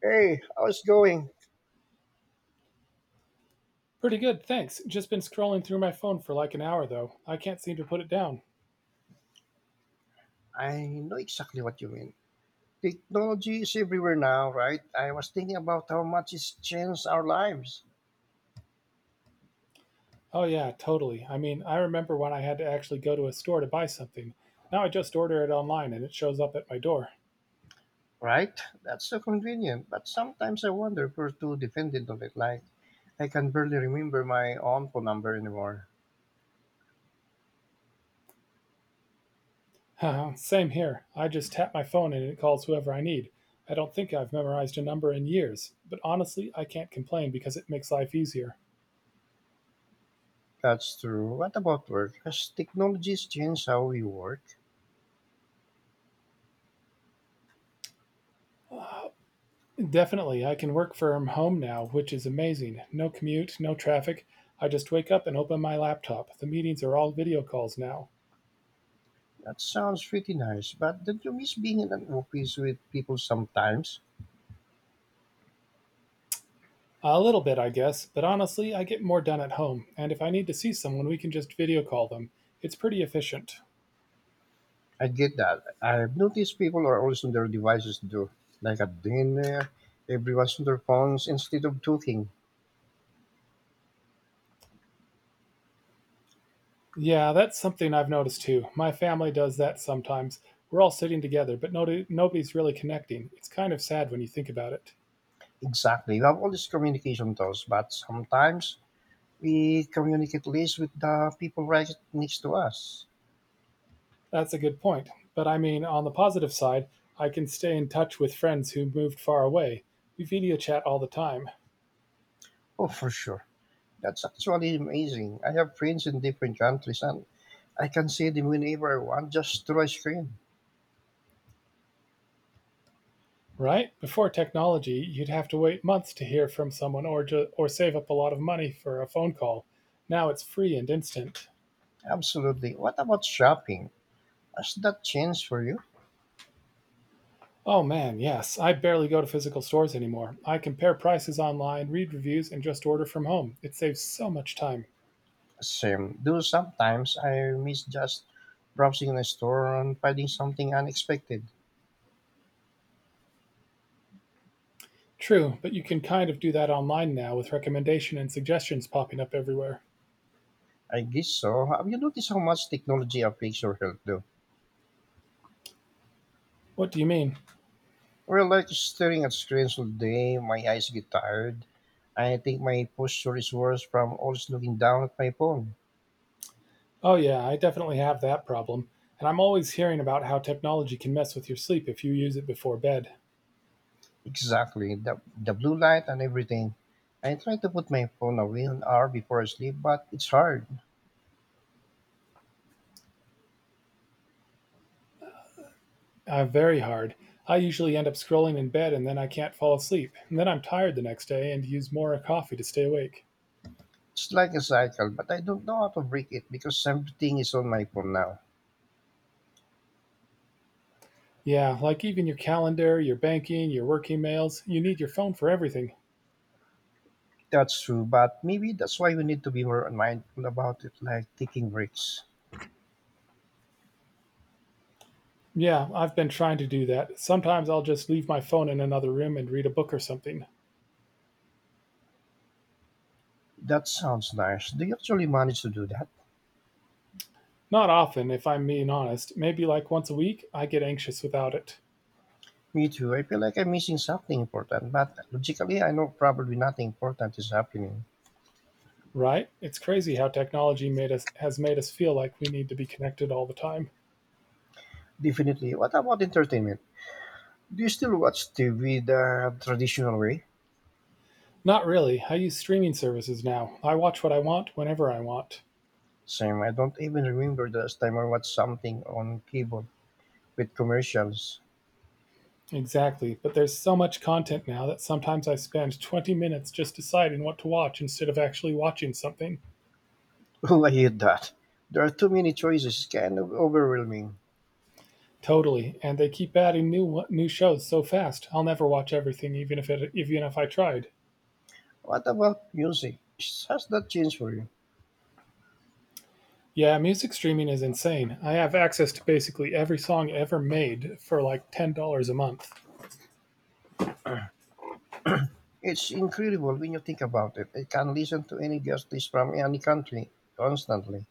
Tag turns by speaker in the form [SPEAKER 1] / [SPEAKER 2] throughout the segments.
[SPEAKER 1] Hey, how's it going?
[SPEAKER 2] Pretty good, thanks. Just been scrolling through my phone for like an hour, though. I can't seem to put it down.
[SPEAKER 1] I know exactly what you mean. Technology is everywhere now, right? I was thinking about how much it's changed our lives,
[SPEAKER 2] Oh, yeah, totally. I remember when I had to actually go to a store to buy something. Now I just order it online and it shows up at my door.
[SPEAKER 1] right? That's so convenient, but sometimes I wonder if we're too dependent on it. Like, I can barely remember my own phone number anymore.
[SPEAKER 2] Same here. I just tap my phone and it calls whoever I need. I don't think I've memorized a number in years, but honestly, I can't complain because it makes life easier.
[SPEAKER 1] That's true. What about work? Has technology's changed how we work?
[SPEAKER 2] Definitely, I can work from home now, which is amazing. No commute, no traffic. I just wake up and open my laptop. The meetings are all video calls now.
[SPEAKER 1] That sounds pretty nice, but don't you miss being in an office with people sometimes?
[SPEAKER 2] A little bit, I guess, but honestly, I get more done at home, and if I need to see someone, we can just video call them. It's pretty efficient.
[SPEAKER 1] I get that. I've noticed people are always on their devices too, like at dinner, everyone's on their phones instead of talking.
[SPEAKER 2] Yeah, that's something I've noticed too. My family does that sometimes. We're all sitting together, but nobody's really connecting. It's kind of sad when you think about it.
[SPEAKER 1] Exactly. We have all these communication tools, but sometimes we communicate less with the people right next to us.
[SPEAKER 2] That's a good point. But on the positive side, I can stay in touch with friends who moved far away. We video chat all the time.
[SPEAKER 1] Oh, for sure. That's actually amazing. I have friends in different countries and I can see them whenever I want just through a screen.
[SPEAKER 2] Right? Before technology, you'd have to wait months to hear from someone or save up a lot of money for a phone call. Now it's free and instant.
[SPEAKER 1] Absolutely. What about shopping? Has that changed for you?
[SPEAKER 2] Oh man, yes. I barely go to physical stores anymore. I compare prices online, read reviews, and just order from home. It saves so much time.
[SPEAKER 1] Same. Though sometimes I miss just browsing in a store and finding something unexpected.
[SPEAKER 2] True, but you can kind of do that online now with recommendation and suggestions popping up everywhere.
[SPEAKER 1] I guess so. Have you noticed how much technology affects your health though?
[SPEAKER 2] What do you mean?
[SPEAKER 1] Well, like staring at screens all day, my eyes get tired. I think my posture is worse from always looking down at my phone.
[SPEAKER 2] Oh yeah, I definitely have that problem. And I'm always hearing about how technology can mess with your sleep if you use it before bed.
[SPEAKER 1] Exactly. The blue light and everything. I try to put my phone away an hour before I sleep, but it's hard.
[SPEAKER 2] Very hard. I usually end up scrolling in bed and then I can't fall asleep. And then I'm tired the next day and use more coffee to stay awake.
[SPEAKER 1] It's like a cycle, but I don't know how to break it because everything is on my phone now.
[SPEAKER 2] Yeah, like even your calendar, your banking, your work emails, you need your phone for everything.
[SPEAKER 1] That's true, but maybe that's why we need to be more mindful about it, like taking breaks.
[SPEAKER 2] Yeah, I've been trying to do that. Sometimes I'll just leave my phone in another room and read a book or something.
[SPEAKER 1] That sounds nice. Do you actually manage to do that?
[SPEAKER 2] Not often, if I'm being honest. Maybe like once a week, I get anxious without it.
[SPEAKER 1] Me too. I feel like I'm missing something important, but logically, I know probably nothing important is happening.
[SPEAKER 2] Right? It's crazy how technology made us has made us feel like we need to be connected all the time.
[SPEAKER 1] Definitely. What about entertainment? Do you still watch TV the traditional way?
[SPEAKER 2] Not really. I use streaming services now. I watch what I want whenever I want.
[SPEAKER 1] Same. I don't even remember the last time I watched something on cable with commercials.
[SPEAKER 2] Exactly. But there's so much content now that sometimes I spend 20 minutes just deciding what to watch instead of actually watching something.
[SPEAKER 1] Oh, I hate that. There are too many choices. It's kind of overwhelming.
[SPEAKER 2] Totally. And they keep adding new shows so fast. I'll never watch everything even if I tried.
[SPEAKER 1] What about music? Has that changed for you?
[SPEAKER 2] Yeah, music streaming is insane. I have access to basically every song ever made for like $10 a month.
[SPEAKER 1] It's incredible when you think about it. I can listen to any artist from any country constantly.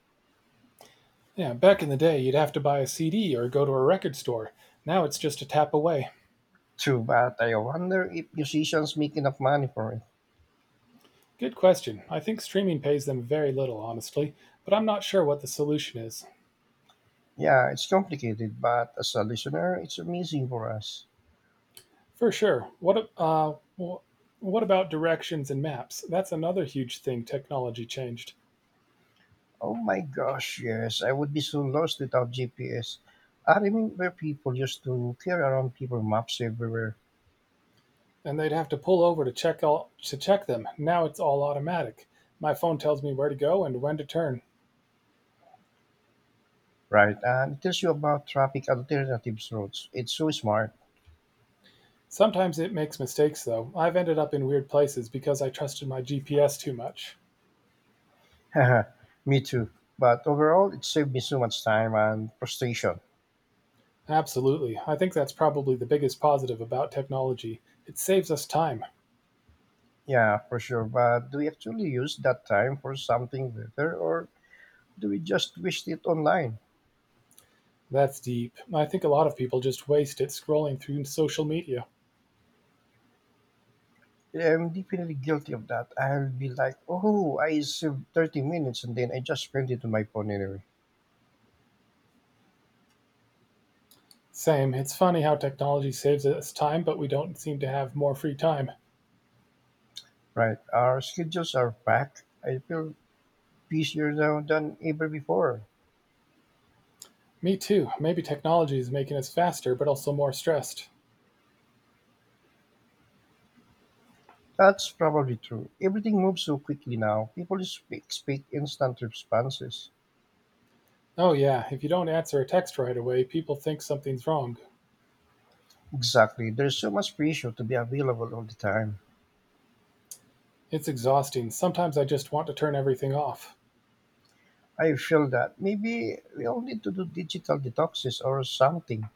[SPEAKER 2] Yeah, back in the day, you'd have to buy a CD or go to a record store. Now it's just a tap away.
[SPEAKER 1] True, but I wonder if musicians make enough money for it.
[SPEAKER 2] Good question. I think streaming pays them very little, honestly, but I'm not sure what the solution is.
[SPEAKER 1] Yeah, it's complicated, but as a listener, it's amazing for us.
[SPEAKER 2] For sure. What about directions and maps? That's another huge thing technology changed.
[SPEAKER 1] Oh my gosh, yes, I would be so lost without GPS. I remember people used to carry around paper maps everywhere,
[SPEAKER 2] And they'd have to pull over to check them. Now it's all automatic. My phone tells me where to go and when to turn.
[SPEAKER 1] right? And it tells you about traffic alternatives roads. It's so smart.
[SPEAKER 2] Sometimes it makes mistakes though. I've ended up in weird places because I trusted my GPS too much.
[SPEAKER 1] Me too. But overall, it saved me so much time and frustration.
[SPEAKER 2] Absolutely. I think that's probably the biggest positive about technology. It saves us time.
[SPEAKER 1] Yeah, for sure. But do we actually use that time for something better or do we just waste it online?
[SPEAKER 2] That's deep. I think a lot of people just waste it scrolling through social media.
[SPEAKER 1] I'm definitely guilty of that. I'll be like, oh, I saved 30 minutes and then I just spent it on my phone anyway.
[SPEAKER 2] Same. It's funny how technology saves us time, but we don't seem to have more free time.
[SPEAKER 1] Right. Our schedules are packed. I feel busier now than ever before.
[SPEAKER 2] Me too. Maybe technology is making us faster, but also more stressed.
[SPEAKER 1] That's probably true. Everything moves so quickly now. People expect instant responses.
[SPEAKER 2] Oh, yeah, if you don't answer a text right away, people think something's wrong.
[SPEAKER 1] Exactly. There's so much pressure to be available all the time.
[SPEAKER 2] It's exhausting. Sometimes I just want to turn everything off.
[SPEAKER 1] I feel that maybe we all need to do digital detoxes or something.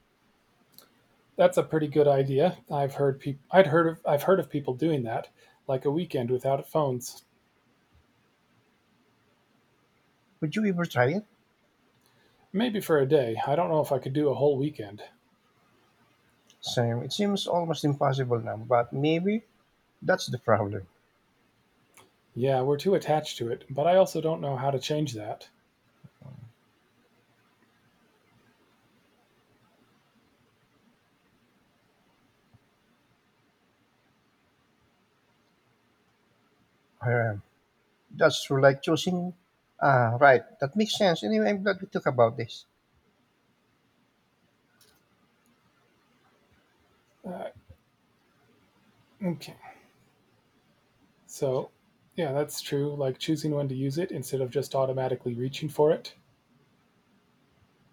[SPEAKER 2] That's a pretty good idea. I've heard of people doing that, like a weekend without phones.
[SPEAKER 1] Would you ever try it?
[SPEAKER 2] Maybe for a day. I don't know if I could do a whole weekend.
[SPEAKER 1] Same. It seems almost impossible now, but maybe that's the problem.
[SPEAKER 2] Yeah, we're too attached to it, but I also don't know how to change that.
[SPEAKER 1] Um, that's true. Like choosing. Ah, right. That makes sense. Anyway, I'm glad we talked about this.
[SPEAKER 2] Uh, okay, so yeah, that's true, like choosing when to use it instead of just automatically reaching for it.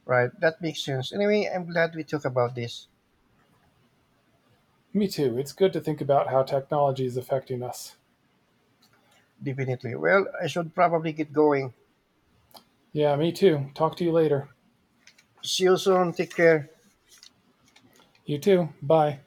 [SPEAKER 1] Right. That makes sense. Anyway, I'm glad we talked about this.
[SPEAKER 2] Me too, it's good to think about how technology is affecting us.
[SPEAKER 1] Definitely. Well, I should probably get going.
[SPEAKER 2] Yeah, me too. Talk to you later.
[SPEAKER 1] See you soon. Take care.
[SPEAKER 2] You too. Bye.